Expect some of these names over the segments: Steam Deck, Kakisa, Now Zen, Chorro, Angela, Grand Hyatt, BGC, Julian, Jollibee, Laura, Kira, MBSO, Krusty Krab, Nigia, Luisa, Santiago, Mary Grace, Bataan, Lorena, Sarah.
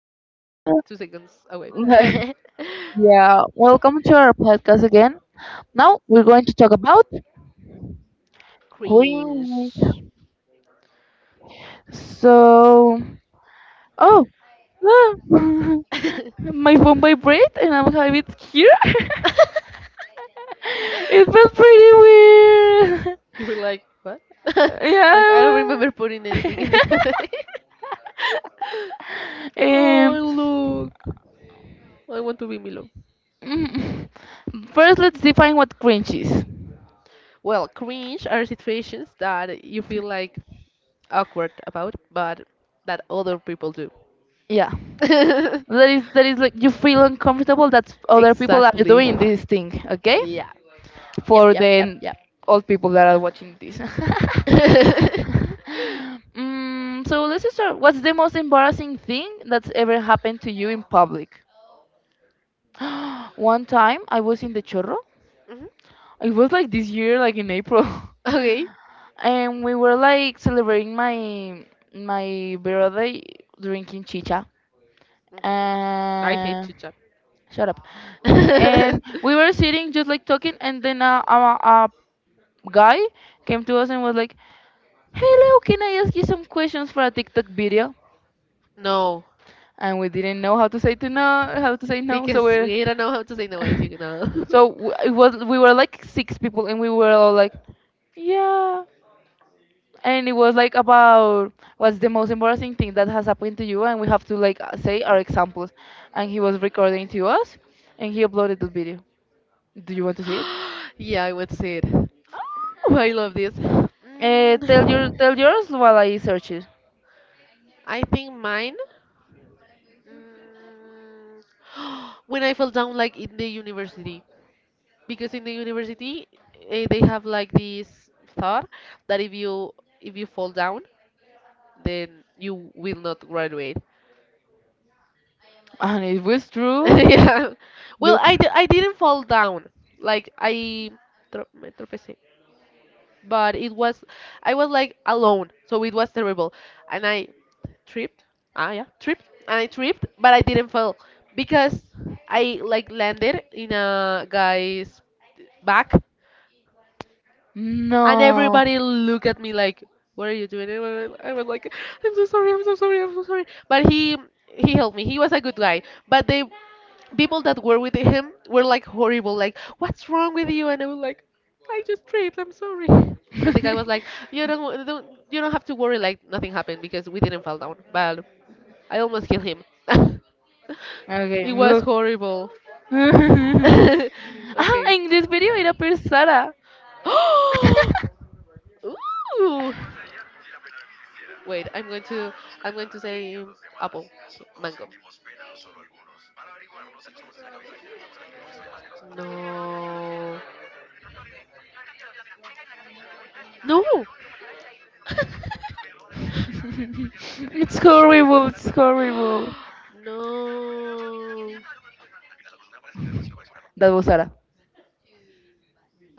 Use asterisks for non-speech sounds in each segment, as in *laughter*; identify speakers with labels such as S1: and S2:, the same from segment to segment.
S1: back. We were like 2 seconds away.
S2: *laughs*
S1: *laughs*
S2: Yeah, welcome to our podcast again. Now we're going to talk about
S1: Cringe.
S2: greens. So, oh, ah, *laughs*
S1: *laughs*
S2: my phone vibrate and I have it here. *laughs* It felt pretty
S1: You were like, what? *laughs* Like I
S2: weird.
S1: don't
S2: *laughs*
S1: remember putting anything in there. *laughs*
S2: Yeah. *laughs*
S1: Oh
S2: um,
S1: look, I want to be Milo.
S2: mm, first, let's define what cringe is.
S1: Well, cringe are situations that you feel like awkward about, but that other people do.
S2: Yeah. That is
S1: *laughs*
S2: like you feel uncomfortable that other people are
S1: Exactly.
S2: doing this thing, okay?
S1: Yeah. Yep,
S2: For
S1: yep, yep,
S2: the
S1: yep.
S2: old people that are watching this. *laughs*
S1: *laughs*
S2: So let's just start. What's the most embarrassing thing that's ever happened to you in public? *gasps* One time I was in the Chorro.
S1: Mhm.
S2: It was like this year, like in April,
S1: Okay.
S2: *laughs* and we were like celebrating my birthday drinking chicha.
S1: Hmm. I hate
S2: Uh,
S1: chit-chat.
S2: Shut up. And
S1: *laughs*
S2: we were sitting just like talking, and then a guy came to us and was like, "Hello, can I ask you some questions for a TikTok video?"
S1: No,
S2: And we didn't know how to say no. So
S1: because
S2: we're,
S1: we don't know how to say no as
S2: *laughs*
S1: you know.
S2: it was we were like six people, and we were all like,
S1: *laughs*
S2: yeah. And it was like about what's the most embarrassing thing that has happened to you, and we have to like say our examples. And he was recording to us, and he uploaded the video. Do you want to see it?
S1: Yeah, I would say it. Oh, I love this.
S2: Tell your
S1: Mm,
S2: tell yours while I search it.
S1: I think mine. Mm, *gasps* When I fell down, like in the university. Because in the university they have like this thought that if you fall down then you will not graduate.
S2: And it was
S1: *laughs*
S2: true.
S1: Yeah, well,
S2: Look,
S1: I didn't fall down. Like me tropecé, but it was I was like alone, so it was terrible. And I tripped. And I tripped, but I didn't fall because I like landed in a guy's back. And
S2: no.
S1: everybody look at me like, "What are you doing?" And I was like, "I'm so sorry. I'm so sorry. I'm so sorry." But he helped me. He was a good guy. But the people that were with him were like horrible. Like, "What's wrong with you?" And I was like, "I just tripped. I'm sorry." But the guy was like,
S2: *laughs*
S1: "You don't have to worry. Like nothing happened because we didn't fall down." But I almost killed him. *laughs*
S2: Okay,
S1: It was
S2: look.
S1: horrible.
S2: *laughs*
S1: *laughs*
S2: Ah,
S1: Okay.
S2: in this video it appears Sarah. *laughs*
S1: *gasps* Ooh. Wait, I'm going to say apple, mango. No. No.
S2: it's
S1: *gasps*
S2: horrible, it's horrible.
S1: No.
S2: That was Sarah.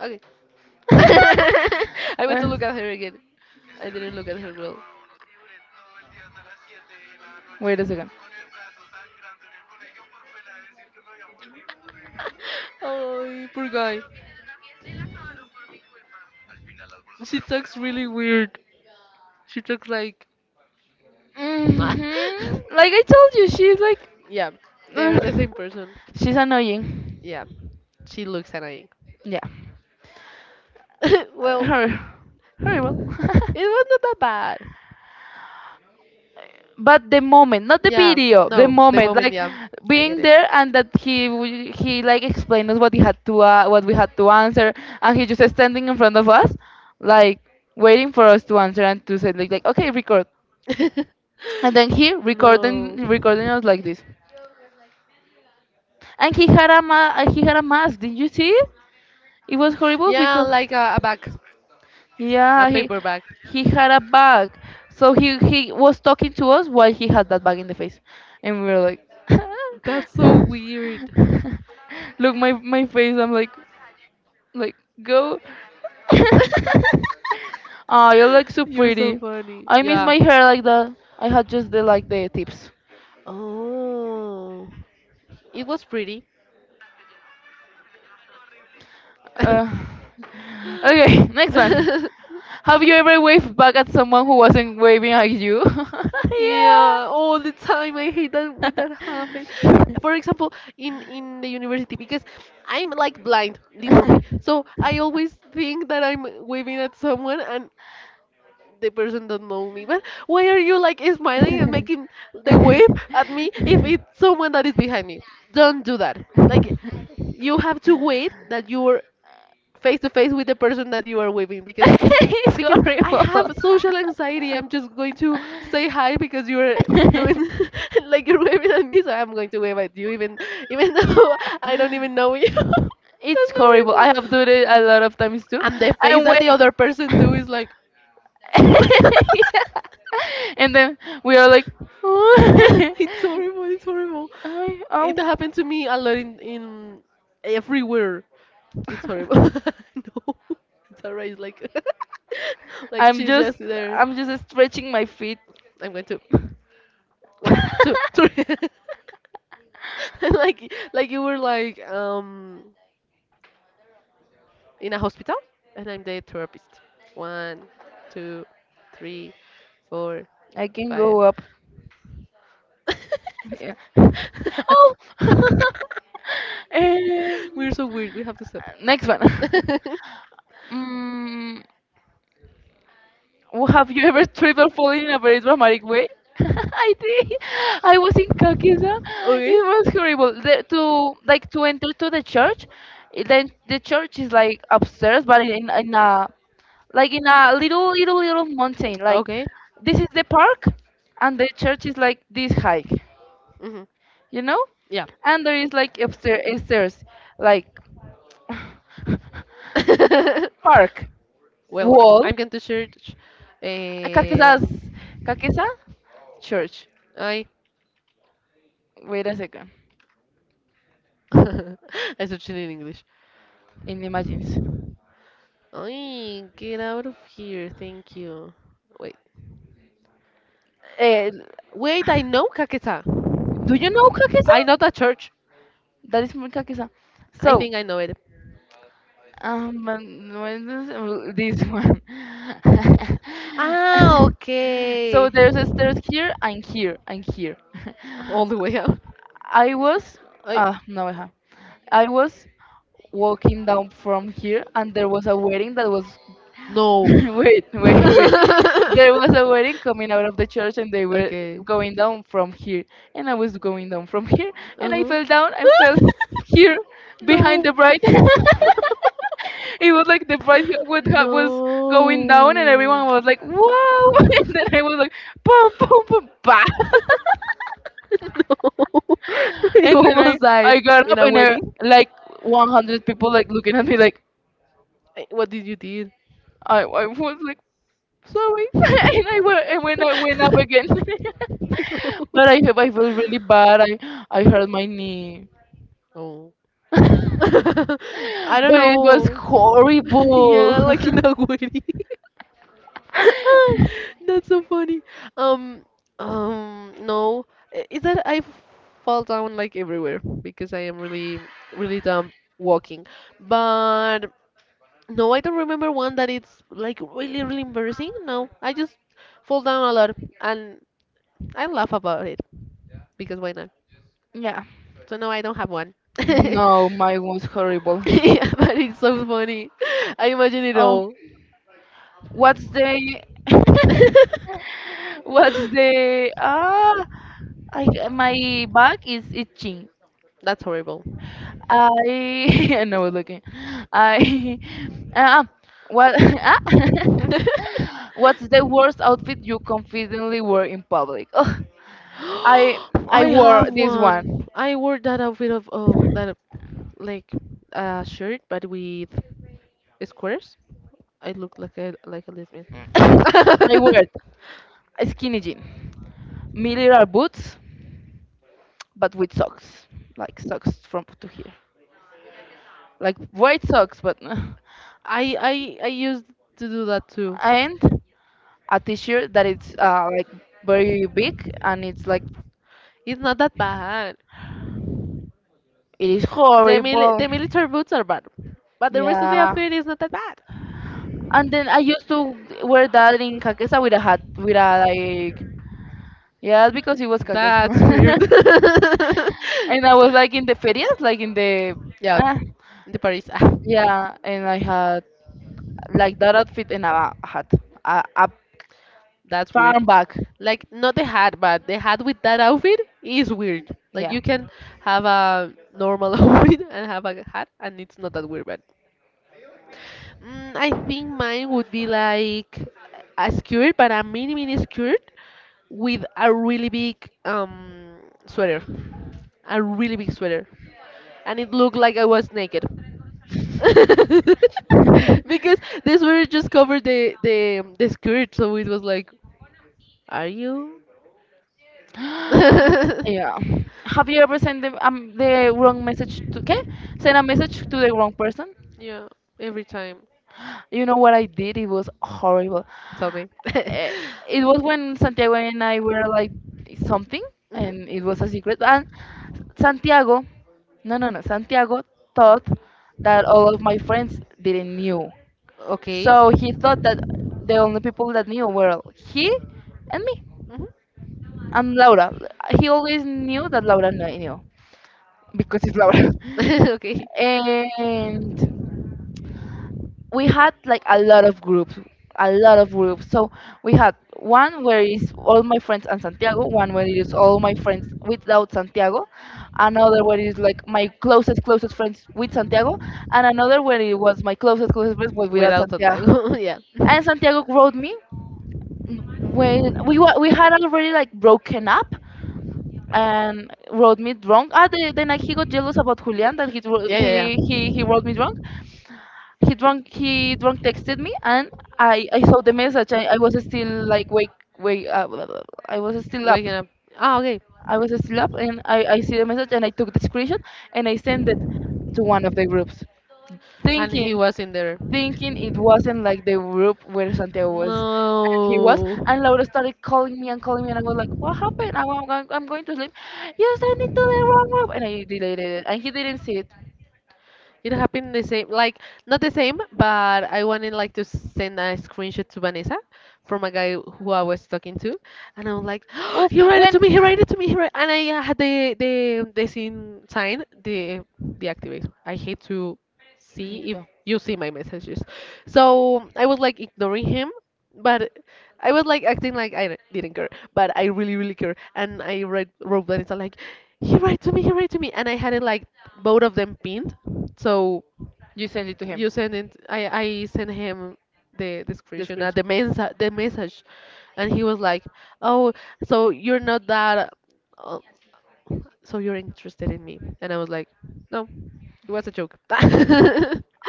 S1: Okay.
S2: *laughs*
S1: *laughs* I went
S2: Uh,
S1: to look at her again. I didn't look at her well. *laughs*
S2: Wait a second.
S1: Oh, poor guy. She talks really weird. She talks like
S2: Hmm.
S1: *laughs*
S2: Like I told you, she's like.
S1: yeah,
S2: *sighs*
S1: they're
S2: uh,
S1: the same person.
S2: she's annoying.
S1: Yeah, she looks annoying.
S2: Yeah.
S1: *laughs*
S2: uh,
S1: Well,
S2: hor- Horrible.
S1: it was not that bad.
S2: *laughs* But the moment, not the
S1: Yeah,
S2: video, the
S1: no, the
S2: moment,
S1: moment,
S2: like
S1: yeah, I get
S2: being
S1: it.
S2: there and that he like explained us what he had to what we had to answer, and he just standing in front of us, like waiting for us to answer and to say like okay record,
S1: *laughs*
S2: and then he
S1: No.
S2: recording us like this, and he had a he had a mask. Did you see it? It was horrible
S1: Yeah,
S2: because.
S1: like a bag, a
S2: Yeah,
S1: paper bag.
S2: he had a bag. So he was talking to us while he had that bag in the face, and we were like,
S1: That's so
S2: *laughs*
S1: weird.
S2: look my face. I'm like go.
S1: *laughs*
S2: *laughs* Ah, you look so
S1: You're so
S2: pretty.
S1: funny.
S2: I miss
S1: Yeah.
S2: my hair like that. I had just the like the tips.
S1: Oh, it was pretty.
S2: Uh, *laughs* okay, *laughs* next one.
S1: *laughs* *laughs*
S2: Have you ever waved back at someone who wasn't waving at you? *laughs*
S1: Yeah, all the time. I hate that when that happens.
S2: Yeah.
S1: For
S2: *laughs*
S1: example, in the university, because I'm like blind, literally. So I
S2: *laughs*
S1: always think that I'm waving at someone and the person don't know me. But why are you like smiling and making the wave at me if it's someone that is behind me? Don't do that. Like you have to wait that you are face to face with the person that you are waving because
S2: it's
S1: I
S2: horrible.
S1: have social anxiety. I'm just going to say hi because you're doing *laughs* like you're waving at me, so I'm going to wave at you even *laughs* though I don't even know you. *laughs* That's
S2: It's
S1: so
S2: horrible. I
S1: horrible.
S2: have done it a lot of times too.
S1: And the face
S2: And
S1: that
S2: when
S1: the other person do is like
S2: *laughs* yeah.
S1: *laughs*
S2: And then we are like,
S1: yeah,
S2: *laughs*
S1: it's horrible, it's horrible.
S2: "Ay, ow."
S1: It happened to me a lot in everywhere. It's horrible. *laughs*
S2: *laughs*
S1: No. It's alright. Like *laughs* like
S2: I'm
S1: she's just
S2: just
S1: there.
S2: I'm just stretching my feet.
S1: I'm going to one, two, three.
S2: *laughs*
S1: *laughs* And like you were like in a hospital and I'm the therapist. One, two, three, four,
S2: I can
S1: five.
S2: go up. Yeah.
S1: *laughs*
S2: Oh. *laughs* um,
S1: We're so weird. We have to stop.
S2: Next one. *laughs*
S1: *laughs*
S2: Mm, Well, have you ever tripped or fallen in a very dramatic way? *laughs* I did. I was in Kakisa.
S1: Okay.
S2: It was horrible. To like to enter to the church, then the church is like upstairs, but in a like in a little mountain. Like
S1: Okay.
S2: this is the park, and the church is like this high,
S1: Hmm,
S2: you know,
S1: yeah.
S2: and there is like upstairs, stairs, like *laughs*
S1: *laughs*
S2: park
S1: Well,
S2: wall
S1: I'm going to search.
S2: Kakesa's
S1: Um,
S2: Kakesa Church.
S1: I.
S2: Wait a second.
S1: *laughs* I searched it in English.
S2: In Imagines.
S1: Oi, get out of here. Thank you. Wait.
S2: Eh,
S1: Wait, I know Kaketa.
S2: do you know Kakesa?
S1: I know that church.
S2: That is from Kakesa.
S1: I
S2: So,
S1: think I know it.
S2: when this one.
S1: Ah,
S2: *laughs*
S1: okay.
S2: So there's a stairs here and here and here. *laughs*
S1: All the way out.
S2: I was,
S1: I
S2: ah, no, I have. I was walking down from here, and there was a wedding that was *laughs*
S1: no.
S2: Wait, wait,
S1: *laughs*
S2: wait. There was a wedding coming out of the church and they were
S1: Okay.
S2: going down from here. And I was going down from here and I
S1: Uh-huh.
S2: fell down and fell
S1: *laughs*
S2: here
S1: No.
S2: behind the bride. *laughs* It was
S1: *laughs*
S2: like the bride would have, was
S1: No,
S2: going
S1: no.
S2: down and everyone was like, wow. *laughs* And then I was like, boom, boom, boom, bah. *laughs*
S1: *laughs* You
S2: And then
S1: almost
S2: I
S1: died
S2: got
S1: in
S2: up
S1: a
S2: and
S1: wedding.
S2: like 100 people like looking at me like,
S1: What did you do?
S2: I was like, sorry. *laughs* And I went and when I went up again, *laughs* but i
S1: *laughs*
S2: i felt really bad. I hurt my knee.
S1: Oh.
S2: *laughs* But
S1: *laughs* I don't
S2: it was
S1: know. *laughs*
S2: horrible.
S1: Yeah, like in a wedding. *laughs* That's so funny. Um, no, is that I fall down like everywhere because I am really, really dumb walking. But no, I don't remember one that it's like really, really embarrassing. No, I just fall down a lot and I laugh about it because why not?
S2: *laughs* Yeah.
S1: So no, I don't have one. *laughs*
S2: No, mine was horrible.
S1: Yeah, but it's so funny. I imagine it
S2: Oh,
S1: all.
S2: what's the *laughs*
S1: *laughs*
S2: what's the ah my back is itching.
S1: That's horrible.
S2: I *laughs* and I was looking. I *laughs* uh, what *laughs* ah? *laughs* What's
S1: *laughs*
S2: the worst outfit you confidently wear in public? Oh,
S1: *gasps*
S2: I I
S1: I
S2: wore
S1: have
S2: this one.
S1: one.
S2: *laughs*
S1: I wore that outfit of that, like a shirt but with squares. I looked like a lesbian.
S2: *coughs* I
S1: *laughs*
S2: wore it. A skinny jean, military boots, but with socks, like socks from to here, like white socks, but *laughs*
S1: I used to do that too.
S2: and a t-shirt that it's like very big and it's like
S1: It's not that bad.
S2: it is
S1: The mili
S2: horrible.
S1: the military boots are bad, but the rest of the
S2: Yeah,
S1: outfit is not that bad.
S2: and then I used to wear that in Kakesa with a hat, with a like, yeah, because it was Kakesa.
S1: That's weird. *laughs*
S2: *laughs* And I was like in the ferias, like in the,
S1: Yeah,
S2: ah,
S1: the Paris. *laughs* Ah.
S2: yeah, and I had like that outfit and a hat, a
S1: That's weird.
S2: farm bag,
S1: Like not the hat, but the hat with that outfit is weird. Like
S2: yeah.
S1: you can have a normal *laughs* outfit and have a hat, and it's not that weird. But I think mine would be like a skirt, but a mini mini skirt with a really big sweater, a really big sweater, and it looked like I was naked. *laughs*
S2: *gasps*
S1: Because this sweater just covered the skirt, so it was like, are you? *laughs*
S2: *laughs*
S1: Yeah,
S2: Yeah. Have you ever sent the wrong message to, okay? Send a message to the wrong person?
S1: yeah, every time.
S2: You know what I did? It was horrible.
S1: Tell me.
S2: Eh,
S1: *laughs*
S2: It was when Santiago and I were like something,
S1: Mhm.
S2: and it was a secret. And Santiago, no, no, no, Santiago thought that all of my friends didn't knew.
S1: Okay.
S2: So he thought that the only people that knew were he and me
S1: Mhm.
S2: and Laura. He always knew that knew because it's Laura.
S1: *laughs* Okay.
S2: *laughs* And we had like a lot of groups, a lot of groups. So we had one where is all my friends and Santiago, one where it is all my friends without Santiago, another where it is like my closest friends with Santiago, and another where it was my closest friends but without
S1: Without
S2: Santiago.
S1: Santiago, *laughs* yeah.
S2: And Santiago wrote me when we had already like broken up and wrote me drunk. Ah, then he got jealous about Julian that
S1: Yeah, yeah,
S2: he wrote me
S1: yeah.
S2: drunk, he drunk texted me and I saw the message. I was still like wake wake blah, blah, blah. I was still up.
S1: Waking up. Okay.
S2: I was still up and I see the message and I took the screenshot and I sent it to one of the groups
S1: And
S2: thinking
S1: he was in there.
S2: thinking it wasn't like the group where Santiago was and he was
S1: No.
S2: and Laura started calling me and I was like what happened I'm going to sleep. You sent it to the wrong group and I deleted it and he didn't see it.
S1: It happened the same, like not the same, but I wanted like to send a screenshot to Vanessa from a guy who I was talking to, and I was like, *gasps*
S2: Oof,
S1: he wrote it
S2: when
S1: to me, he wrote it to me, he wrote, and I had the scene sign the deactivate. I hate to
S2: Me
S1: see if
S2: too.
S1: you see my messages, so I was like ignoring him, but I was like acting like didn't care, but I really, really care. And I read wrote that it's like, he write to me, he write to me, and I had it like both of them pinned. So
S2: You send it to him.
S1: you send it, I sent him the
S2: The
S1: description, the
S2: screenshot.
S1: mensa the message, and he was like, oh, so you're not that, uh, so you're interested in me, and I was like, no, it was a joke.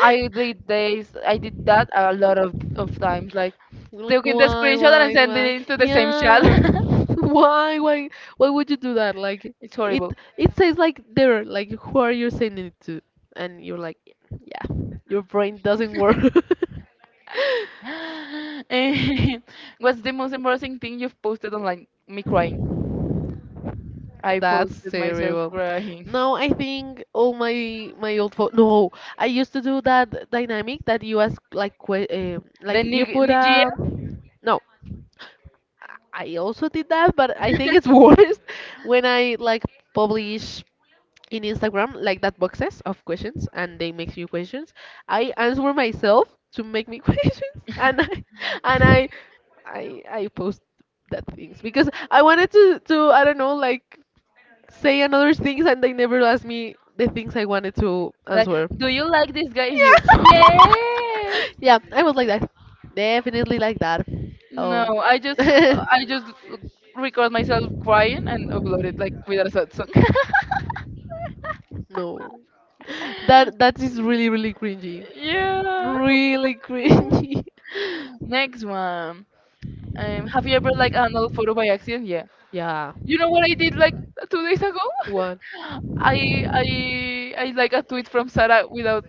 S2: I did this. I did that
S1: *laughs* *laughs*
S2: a lot of times. Like
S1: Like
S2: taking the screenshot and
S1: why,
S2: sending
S1: why?
S2: it to the same chat.
S1: Yeah. *laughs* Why, why, why would you do that? Like
S2: *laughs* It's
S1: it,
S2: horrible.
S1: it
S2: *gasps*
S1: says like there, like who are you sending it to? And you're like, yeah, your brain doesn't work.
S2: *laughs* What's the most embarrassing thing you've posted online? Me crying.
S1: *laughs*
S2: I
S1: That's
S2: posted myself
S1: terrible.
S2: crying. *laughs*
S1: No, I think all my old phone. No, I used to do that dynamic that you ask like que like
S2: Then
S1: you put
S2: Nigia,
S1: a no. I also did that, but I think it's worse *laughs* when I like publish in Instagram like that boxes of questions and they make you questions. I answer myself to make me *laughs* questions and and I I post that things because I wanted to I don't know, like say another things and they never ask me the things I wanted to
S2: like,
S1: answer.
S2: do you like this guy? And you,
S1: Yeah.
S2: yes.
S1: *laughs* Yeah, I was like that. Definitely like that.
S2: No,
S1: Oh.
S2: I
S1: *laughs*
S2: just record myself crying and upload it like with a sad song. *laughs*
S1: No. That is really really cringy.
S2: Yeah.
S1: Really cringy. *laughs*
S2: Next one. Have you ever like another photo by accident? Yeah.
S1: Yeah.
S2: You know what I did like 2 days ago?
S1: One.
S2: *laughs* I like a tweet from Sarah without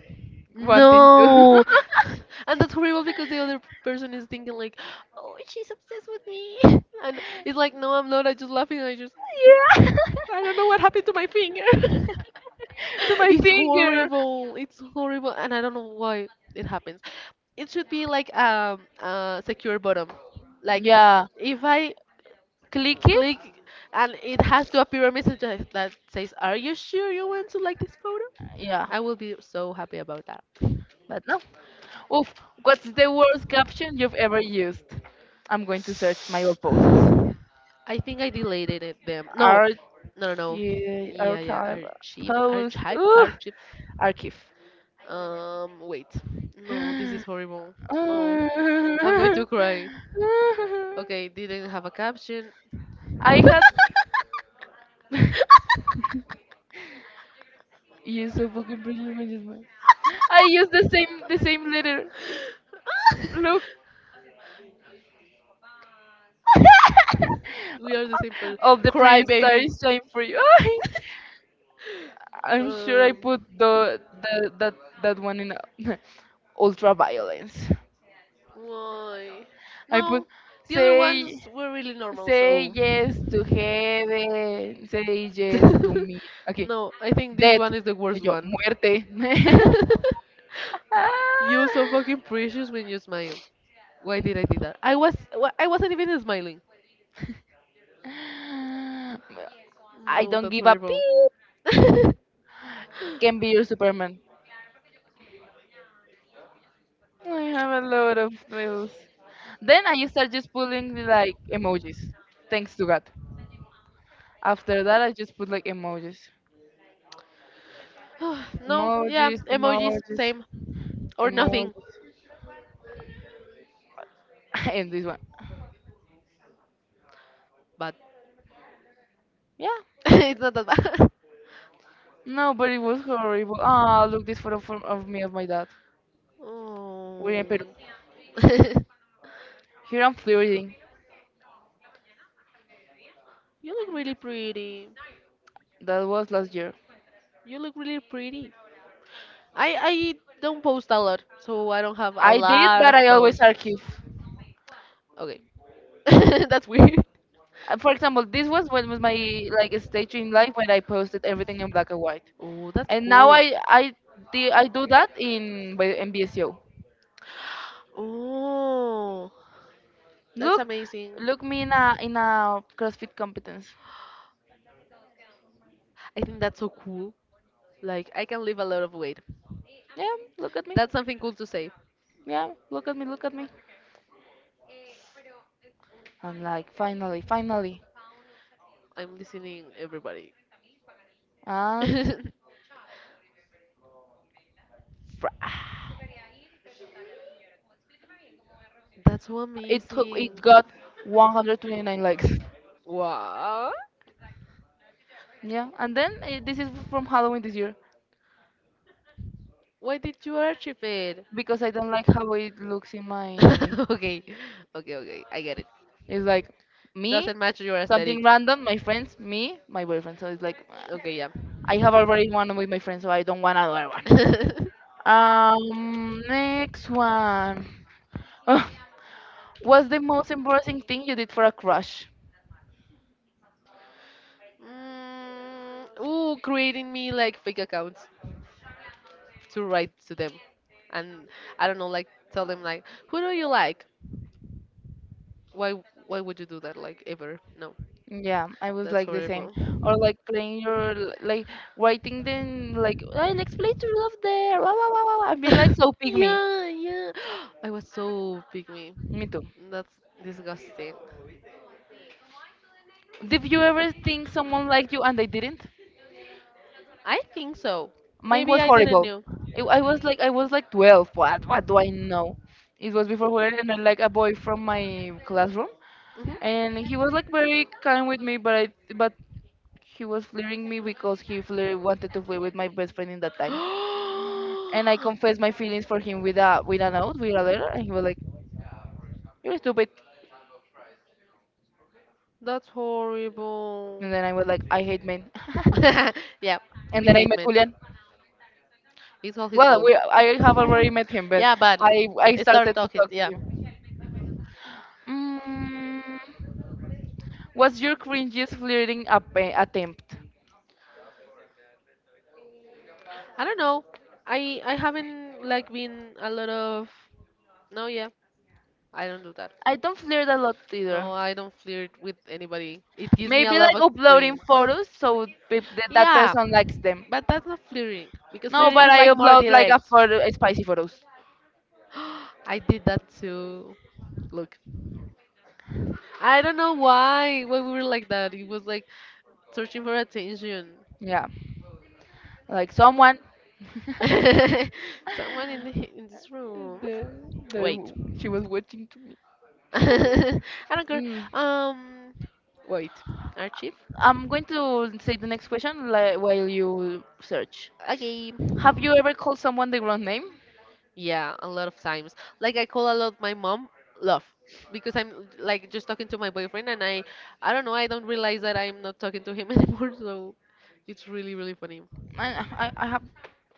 S2: wanting to.
S1: No, *laughs* and that's horrible because the other person is thinking like, "Oh, she's obsessed with me," *laughs* and it's like, "No, I'm not. I just laughing. I just,
S2: *laughs* Yeah.
S1: I don't know what happened to my finger." *laughs*
S2: *laughs* To my
S1: It's
S2: finger.
S1: horrible. It's horrible, and I don't know why it happens. It should be like a secure bottom, like
S2: Yeah,
S1: if I
S2: click it.
S1: click and it has to appear a message that says, "Are you sure you want to like this photo?"
S2: Yeah,
S1: I will be so happy about that.
S2: but no. Oof, what's the worst caption you've ever used? I'm going to search my old post.
S1: I think I deleted it, them. No,
S2: Archive,
S1: no, no, no. Yeah, yeah.
S2: archive
S1: Archive,
S2: post.
S1: archive,
S2: Ooh,
S1: archive.
S2: archive.
S1: Wait. No, this is horrible. No,
S2: *laughs*
S1: I'm going to cry. Okay, didn't have a caption.
S2: I
S1: *laughs*
S2: had you so fucking brilliant. My just went. I used the same letter. Look,
S1: We are the same person.
S2: all the
S1: Cry,
S2: pretty
S1: baby.
S2: stars
S1: *laughs*
S2: shine for you. *laughs* I'm sure I
S1: Um.
S2: put the that that one in *laughs* ultra violence.
S1: Why?
S2: I put
S1: No, the other
S2: say
S1: ones were really normal,
S2: say
S1: so.
S2: yes to heaven, say yes to
S1: *laughs*
S2: me. Okay,
S1: No, I think this
S2: death.
S1: one is the
S2: Y
S1: worst
S2: yo
S1: one.
S2: muerte. *laughs*
S1: *laughs* You're so fucking precious when you smile. Why did I do that? I wasn't even smiling.
S2: I
S1: No,
S2: don't
S1: that's
S2: give a
S1: horrible. *laughs*
S2: pee.
S1: *sighs*
S2: Can be your Superman. I have a lot of those. Then I start just pulling like emojis. Thanks to God. After that, I just put like emojis.
S1: No, yeah,
S2: Emojis,
S1: emojis
S2: emojis,
S1: same or nothing,
S2: emojis. *laughs* And this one.
S1: but *laughs*
S2: Yeah.
S1: it's not that bad. *laughs*
S2: No, but it was horrible. Ah, look this photo of me of my dad.
S1: Oh.
S2: We're in Peru. Here I'm
S1: *laughs*
S2: flirting.
S1: You look really pretty.
S2: That was last year.
S1: You look really pretty. I don't post a lot, so I don't have a
S2: I did,
S1: lot
S2: but
S1: of
S2: I always
S1: posts.
S2: archive.
S1: Okay. *laughs* That's weird.
S2: For example, this was when was my like stage in life when I posted everything in black and white,
S1: Oh, that's
S2: and now
S1: cool.
S2: I do that in by MBSO.
S1: Oh, that's
S2: Look,
S1: amazing.
S2: look me in a CrossFit competence.
S1: I think that's so cool. Like, I can lose a lot of weight.
S2: Yeah, look at me.
S1: That's something cool to say.
S2: Yeah, look at me. And like finally.
S1: I'm listening, everybody. *laughs*
S2: And
S1: That's
S2: fra- *sighs*
S1: so
S2: it
S1: amazing.
S2: got 129 likes.
S1: Wow.
S2: Yeah, and then this is from Halloween this year
S1: Why did you archive it?
S2: because I don't like how it looks in my
S1: *laughs* Okay, okay, okay. I get it.
S2: it's like me,
S1: Doesn't match your aesthetic.
S2: something random, my friends, me, my boyfriend. So it's like ah.
S1: Okay, yeah.
S2: I have already one with my friends, so I don't want another one.
S1: *laughs* mm,
S2: Next one. *laughs* What's the most embarrassing thing you did for a crush?
S1: ooh, creating me like fake accounts to write to them, and I don't know, like tell them like, who do you like? Why, why would you do that? Like ever? No,
S2: Yeah, I was
S1: that's
S2: like the same.
S1: horrible.
S2: Or like playing like writing then like I an explator love there. Wow, wow, wow, wow. I've been like so
S1: *laughs*
S2: pick me.
S1: Yeah, yeah. *gasps* I was so pygmy.
S2: Me too.
S1: That's disgusting.
S2: Did you ever think someone liked you and they didn't?
S1: I think so.
S2: Mine
S1: Maybe
S2: was
S1: I didn't
S2: horrible.
S1: know.
S2: I was like 12. What do I know? It was before Julian and I like a boy from my classroom,
S1: Mhm.
S2: and he was like very kind with me, but he was flirting me because he flir wanted to flirt with my best friend in that time. And I
S1: *gasps*
S2: confessed my feelings for him with a note, with a letter, and he was like, "You're stupid,"
S1: That's horrible.
S2: and then I was like, "I hate men," *laughs*
S1: *laughs* Yeah, we
S2: and then I
S1: hate
S2: met
S1: men.
S2: Julian.
S1: It's all his fault.
S2: I have
S1: *laughs*
S2: already met him, but
S1: Yeah, but
S2: I
S1: start
S2: started to
S1: talking.
S2: talk to
S1: Yeah.
S2: him. Mm, what's your cringiest attempt?
S1: I don't know. I haven't like been a lot of no yeah, I don't do that.
S2: I don't flirt a lot either.
S1: No, I don't flirt with anybody. It gives me a
S2: Maybe
S1: lot
S2: like
S1: of
S2: uploading
S1: cringe.
S2: photos so that
S1: Yeah,
S2: person likes them.
S1: but that's not flirting because
S2: No,
S1: flirting
S2: but
S1: is
S2: I
S1: like more
S2: upload like a
S1: direct.
S2: photo, spicy photos.
S1: *gasps* I did that too. Look, I don't know why we were like that. It was like searching for attention.
S2: Yeah, like someone.
S1: *laughs* Someone in the, in this
S2: *laughs*
S1: room.
S2: The,
S1: Wait.
S2: the, she was watching to me.
S1: *laughs* I don't care.
S2: Mm.
S1: Um, Wait, archive.
S2: I'm going to say the next question like, while you search.
S1: Okay.
S2: Have you ever called someone the wrong name?
S1: Yeah, a lot of times. Like I call a lot my mom love because I'm like just talking to my boyfriend and I don't know, I don't realize that I'm not talking to him *laughs* anymore, so it's really really funny.
S2: I have.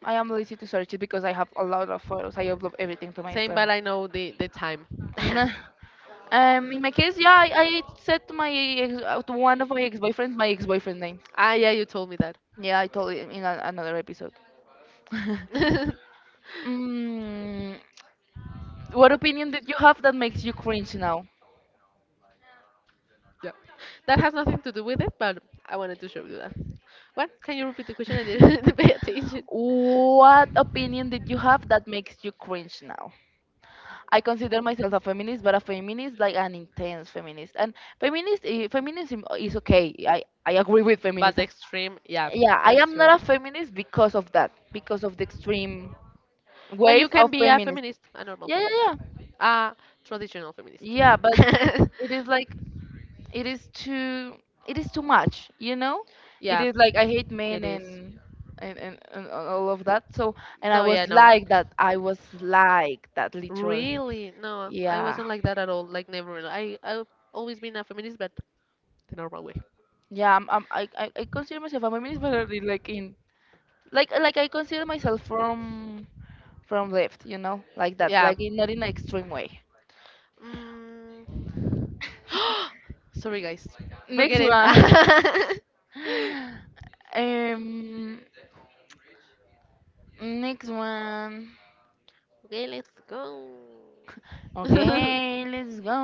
S2: I am lazy to search it because I have a lot of photos. I upload everything to my
S1: Same,
S2: Instagram.
S1: but I know the time. *laughs*
S2: Nah. In my case, yeah, I said to my ex, to one of my ex-boyfriends my ex-boyfriend name.
S1: Ah, yeah, you told me that.
S2: Yeah, I told it in another episode. *laughs*
S1: *laughs*
S2: mm, what opinion did you have that makes you cringe now?
S1: Yeah. That has nothing to do with it, but I wanted to show you that. What? Can you repeat the question? I didn't *laughs* pay attention.
S2: What opinion did you have that makes you cringe now? I consider myself a feminist, but a feminist like an intense feminist. And feminism is okay. I agree with
S1: But the
S2: feminism.
S1: extreme, yeah,
S2: Yeah, I
S1: that's
S2: am
S1: true.
S2: not a feminist because of that, because of the extreme
S1: But you
S2: wave of
S1: can be a
S2: feminism.
S1: feminist, a normal
S2: Yeah, yeah,
S1: feminist,
S2: yeah,
S1: a traditional feminist.
S2: yeah. But
S1: *laughs*
S2: it is like it is too it is too much, you know, it
S1: Yeah,
S2: is like I hate men
S1: it is.
S2: and and all of that. so and i
S1: No,
S2: was
S1: yeah, no.
S2: like that I was like that literally,
S1: Really? No, I
S2: yeah.
S1: wasn't like that at all. Like never. Really. I I've always been a feminist, but the normal way.
S2: Yeah, I I consider myself I'm a feminist, but already, like in like like I consider myself from left, you know, like that,
S1: Yeah.
S2: like in, not in an extreme way.
S1: Mm, *gasps* sorry, guys.
S2: Next
S1: Forget it.
S2: one. *laughs* um next one.
S1: *laughs* Okay, let's go. *laughs*
S2: Okay, let's go.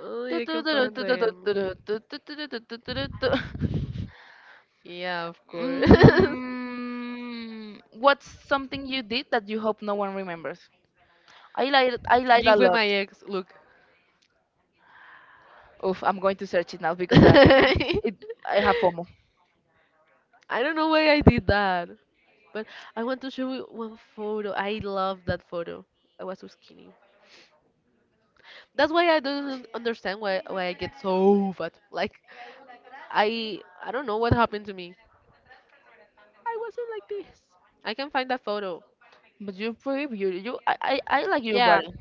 S1: Oh,
S2: Tu,
S1: I
S2: tu,
S1: can
S2: tu,
S1: find
S2: tu, tu, tu, tu,
S1: them.
S2: tu, tu, tu, tu, tu, tu, tu, tu, tu. *laughs*
S1: Yeah, of course. *laughs*
S2: Mm, what's something you did that you hope no one remembers? I lied. I lied a
S1: Being with
S2: lot.
S1: my ex, look.
S2: Oof, I'm going to search it now
S1: *laughs*
S2: because
S1: I
S2: it, I have FOMO.
S1: don't know why I did that. But I want to show you one photo. I love that photo. I was so skinny. That's why I don't understand why I get so fat. Like I don't know what happened to me. I wasn't like this. I can find that photo.
S2: But you're pretty beautiful. I like your
S1: Yeah.
S2: body,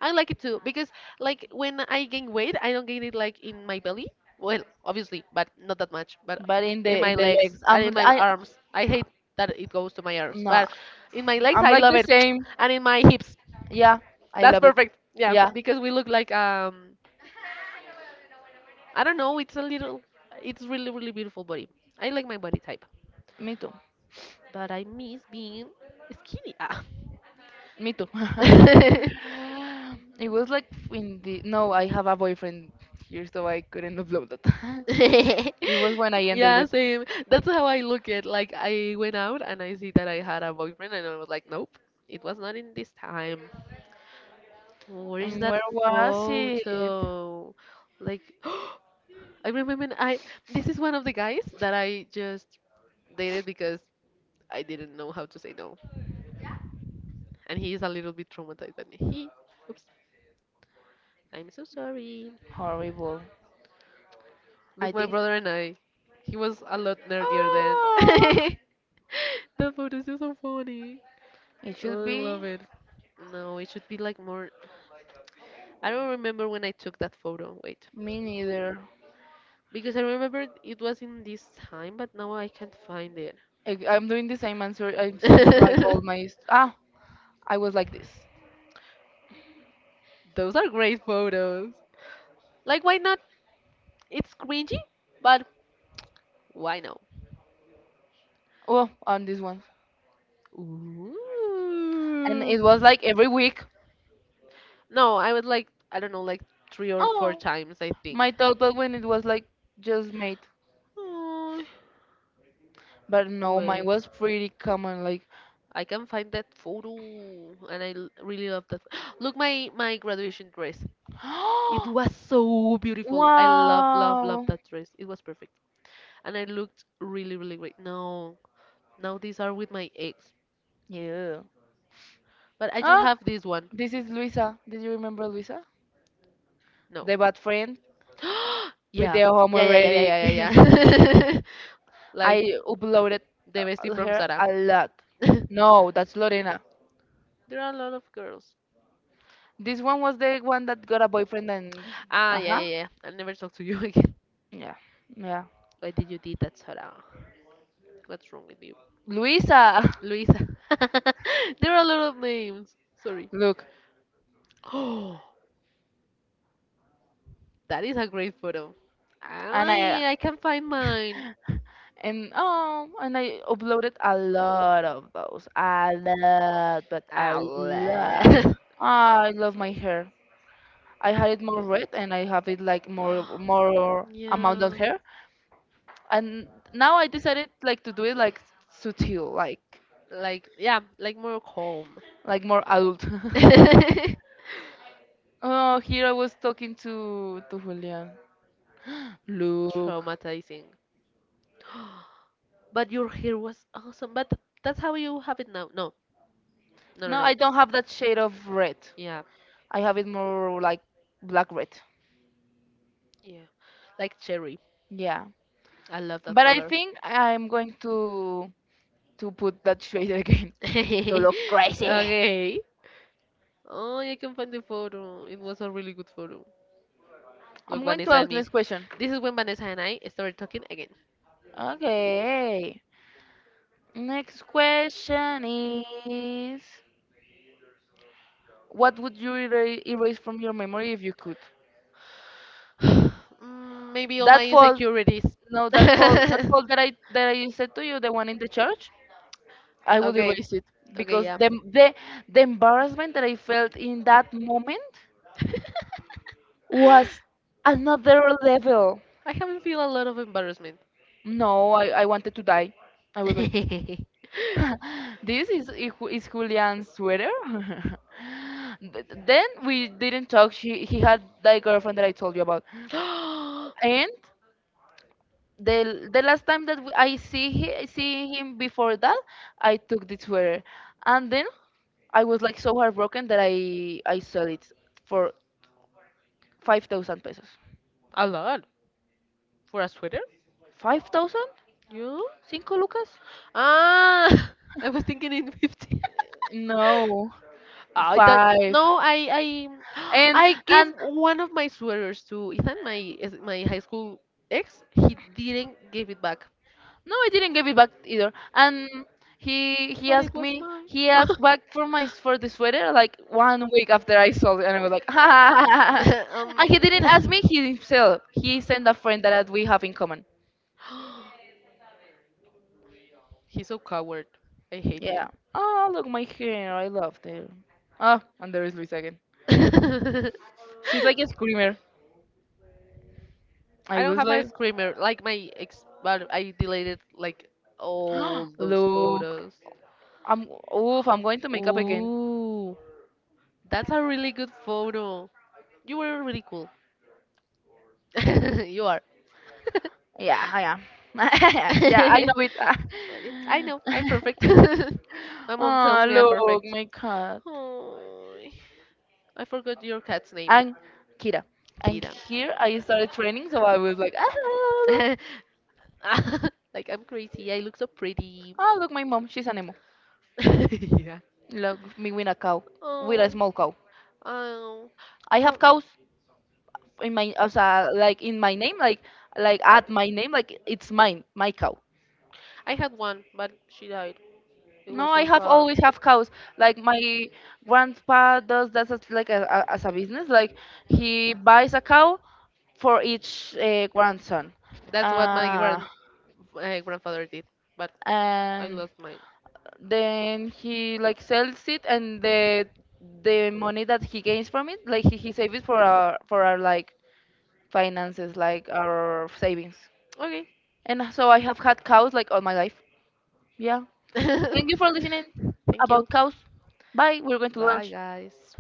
S1: I like it too because like when I gain weight, I don't gain it like in my belly. Well, obviously, but not that much. But
S2: but in
S1: in
S2: the in
S1: my
S2: the
S1: legs
S2: legs,
S1: and
S2: I'm
S1: in my
S2: I
S1: arms. I hate that it goes to my arms,
S2: no,
S1: but in my legs
S2: I'm
S1: I
S2: like
S1: love
S2: the
S1: it.
S2: same.
S1: *tsk* And in my hips.
S2: Yeah, I
S1: That's
S2: love it.
S1: perfect. Yeah,
S2: Yeah.
S1: because we look like I don't know. It's a little. It's really really beautiful body. I like my body type,
S2: Me too.
S1: but I miss being skinny. Ah.
S2: Me too. *laughs* It was like in the no, I have a boyfriend here, so I couldn't upload that. *laughs* It was when I
S1: *laughs*
S2: ended
S1: Yeah,
S2: with.
S1: same. That's how I look at. Like I went out and I see that I had a boyfriend, and I was like, nope, it was not in this time. Where is that
S2: Where was it?
S1: photo? Like, *gasps* I remember I. This is one of the guys that I just dated because I didn't know how to say no. And he is a little bit traumatized. And he, oops, I'm so sorry.
S2: Horrible. I
S1: Look, my
S2: think.
S1: brother and I, he was a lot nerdier then.
S2: Ah,
S1: *laughs* That photo is *laughs* so funny.
S2: it should
S1: Oh, I
S2: be.
S1: love it. No, it should be like more. I don't remember when I took that photo. Wait,
S2: Me neither.
S1: because I remember it was in this time, but now I can't find it.
S2: I'm doing the same answer. I'm seeing like all
S1: *laughs*
S2: ah. I was like this.
S1: Those are great photos. Like, why not? It's cringy, but why no?
S2: Oh, on this one,
S1: Ooh.
S2: and it was like every week.
S1: No, I was like, I don't know, like three or four
S2: Oh,
S1: times, I think.
S2: my thought, but when it was like just made.
S1: Oh,
S2: But no, mine
S1: wait.
S2: was pretty common. Like,
S1: I can find that photo, and I really love that. *gasps* Look, my graduation dress. It
S2: *gasps*
S1: was so beautiful. I love, love, love
S2: wow.
S1: that dress. It was perfect, and I looked really, really great. No, now these are with my ex,
S2: Yeah.
S1: but I just
S2: Oh,
S1: have this one.
S2: this is Luisa. Did you remember Luisa?
S1: No.
S2: The bad friend
S1: *gasps*
S2: with
S1: Yeah.
S2: the
S1: Yeah, yeah, yeah,
S2: homoerotic.
S1: yeah, yeah, yeah,
S2: *laughs*
S1: yeah. *laughs* Like
S2: I uploaded
S1: the
S2: uh,
S1: bestie from
S2: her
S1: Sara.
S2: a lot.
S1: *laughs* There
S2: No, that's Lorena.
S1: are a lot of girls.
S2: This one was the one that got a boyfriend and.
S1: Ah,
S2: Uh
S1: yeah,
S2: huh.
S1: yeah, yeah. I'll never talk to you *laughs* again.
S2: Yeah. Yeah.
S1: Why did you did that, Sara? What's wrong with you?
S2: Luisa!
S1: Luisa. *laughs* There are a lot of names. Sorry.
S2: *laughs* Look.
S1: Oh, *gasps* that is a great photo.
S2: And I.
S1: I
S2: *laughs*
S1: I can find mine.
S2: And oh, and I uploaded a lot of those. A lot, but a
S1: Ow.
S2: lot.
S1: *gasps*
S2: I love my hair. I had it more red and I have it like more
S1: *laughs*
S2: amount of
S1: Yeah.
S2: hair. And now I decided like to do it like subtle, like
S1: Like yeah, like more calm.
S2: like more adult.
S1: *laughs*
S2: *laughs* Oh, here I was talking to Julian. Look.
S1: Traumatizing. *gasps* But your hair was awesome. But that's how you have it now. No, no, no,
S2: No,
S1: no.
S2: I don't have that shade of red.
S1: Yeah,
S2: I have it more like black red.
S1: yeah, like cherry.
S2: Yeah.
S1: I love that
S2: But I
S1: color.
S2: think I'm going to put that shade again
S1: *laughs*
S2: *laughs* to
S1: Okay.
S2: look crazy.
S1: Oh, you can find the photo. It was a really good photo.
S2: I'm
S1: Look,
S2: going to
S1: Vanessa and
S2: ask
S1: me.
S2: next question.
S1: This is when Vanessa and I started talking again.
S2: Okay. Next question is what would you erase from your memory if you could?
S1: *sighs* Mm, maybe all my
S2: That fall
S1: insecurities.
S2: no that
S1: *laughs*
S2: fall that I said to you, the one in the church, I would
S1: Okay.
S2: erase it
S1: Okay,
S2: because
S1: yeah.
S2: the embarrassment that I felt in that moment
S1: *laughs*
S2: was another level.
S1: I haven't feel a lot of embarrassment.
S2: No, I wanted to die. I was like
S1: *gasps* *laughs*
S2: *laughs* this is Julian's sweater. *laughs* Then we didn't talk. She he had that girlfriend that I told you about, and the last time that we, I see he, see him before that, I took the sweater, and then I was like so heartbroken that I sold it for 5,000 pesos.
S1: A lot for a sweater?
S2: 5,000?
S1: You?
S2: Cinco lucas?
S1: Ah, *laughs* I was thinking in 50. *laughs*
S2: No,
S1: I don't.
S2: five.
S1: No, I *gasps*
S2: And
S1: I gave
S2: and
S1: one of my sweaters to Ethan, my my high school ex. He didn't give it back,
S2: No, I didn't give it back either. And he he
S1: but it
S2: asked
S1: was
S2: me
S1: mine.
S2: he asked back for the sweater like one week after I
S1: *laughs*
S2: sold it, and I was like, *laughs* ha,
S1: *laughs* um.
S2: and he
S1: *gasps*
S2: didn't ask
S1: *laughs*
S2: me. He himself he sent a friend that we have in common.
S1: He's so coward. I hate him.
S2: Yeah. Oh look, my hair. I love it. Ah, and there is Luis again.
S1: *laughs* I
S2: She's like a screamer. I
S1: don't
S2: was
S1: have a
S2: like,
S1: screamer. Like my ex, but I deleted like all
S2: *gasps*
S1: those
S2: look,
S1: photos.
S2: I'm oof. I'm going to
S1: *gasps*
S2: make up again.
S1: Ooh, that's a really good photo. You were really cool. *laughs* You are.
S2: Yeah, I am. *laughs* Yeah, I
S1: *laughs*
S2: know
S1: It's, I know, I'm
S2: it.
S1: perfect.
S2: *laughs*
S1: *laughs* My mom
S2: Ah,
S1: tells me I'm
S2: look,
S1: perfect.
S2: my cat.
S1: Aw. I forgot your cat's name.
S2: And Kira. And
S1: Kira.
S2: here I started training, so I was like, look,
S1: *laughs* Like I'm crazy. I look so pretty.
S2: ah, look my mom, she's an emo.
S1: *laughs* Yeah.
S2: Look, me with a cow, with a
S1: Oh.
S2: small cow.
S1: Um.
S2: I have
S1: How?
S2: cows in my, like in my name, like at my name, like it's mine, my cow.
S1: I had one, but she died. It was
S2: No, I
S1: so
S2: have
S1: sad.
S2: always have cows. Like my grandpa does that as like as a business. Like he buys a cow for each grandson.
S1: That's what my
S2: Uh,
S1: grandfather did, but I
S2: and
S1: lost mine.
S2: then he like sells it, and the money that he gains from it, like he saves it for our like finances, like our savings.
S1: Okay.
S2: And so I have had cows like all my life. Yeah, thank you
S1: *laughs*
S2: for listening
S1: Thank you.
S2: about cows. Bye, we're going to
S1: Bye,
S2: lunch.
S1: guys.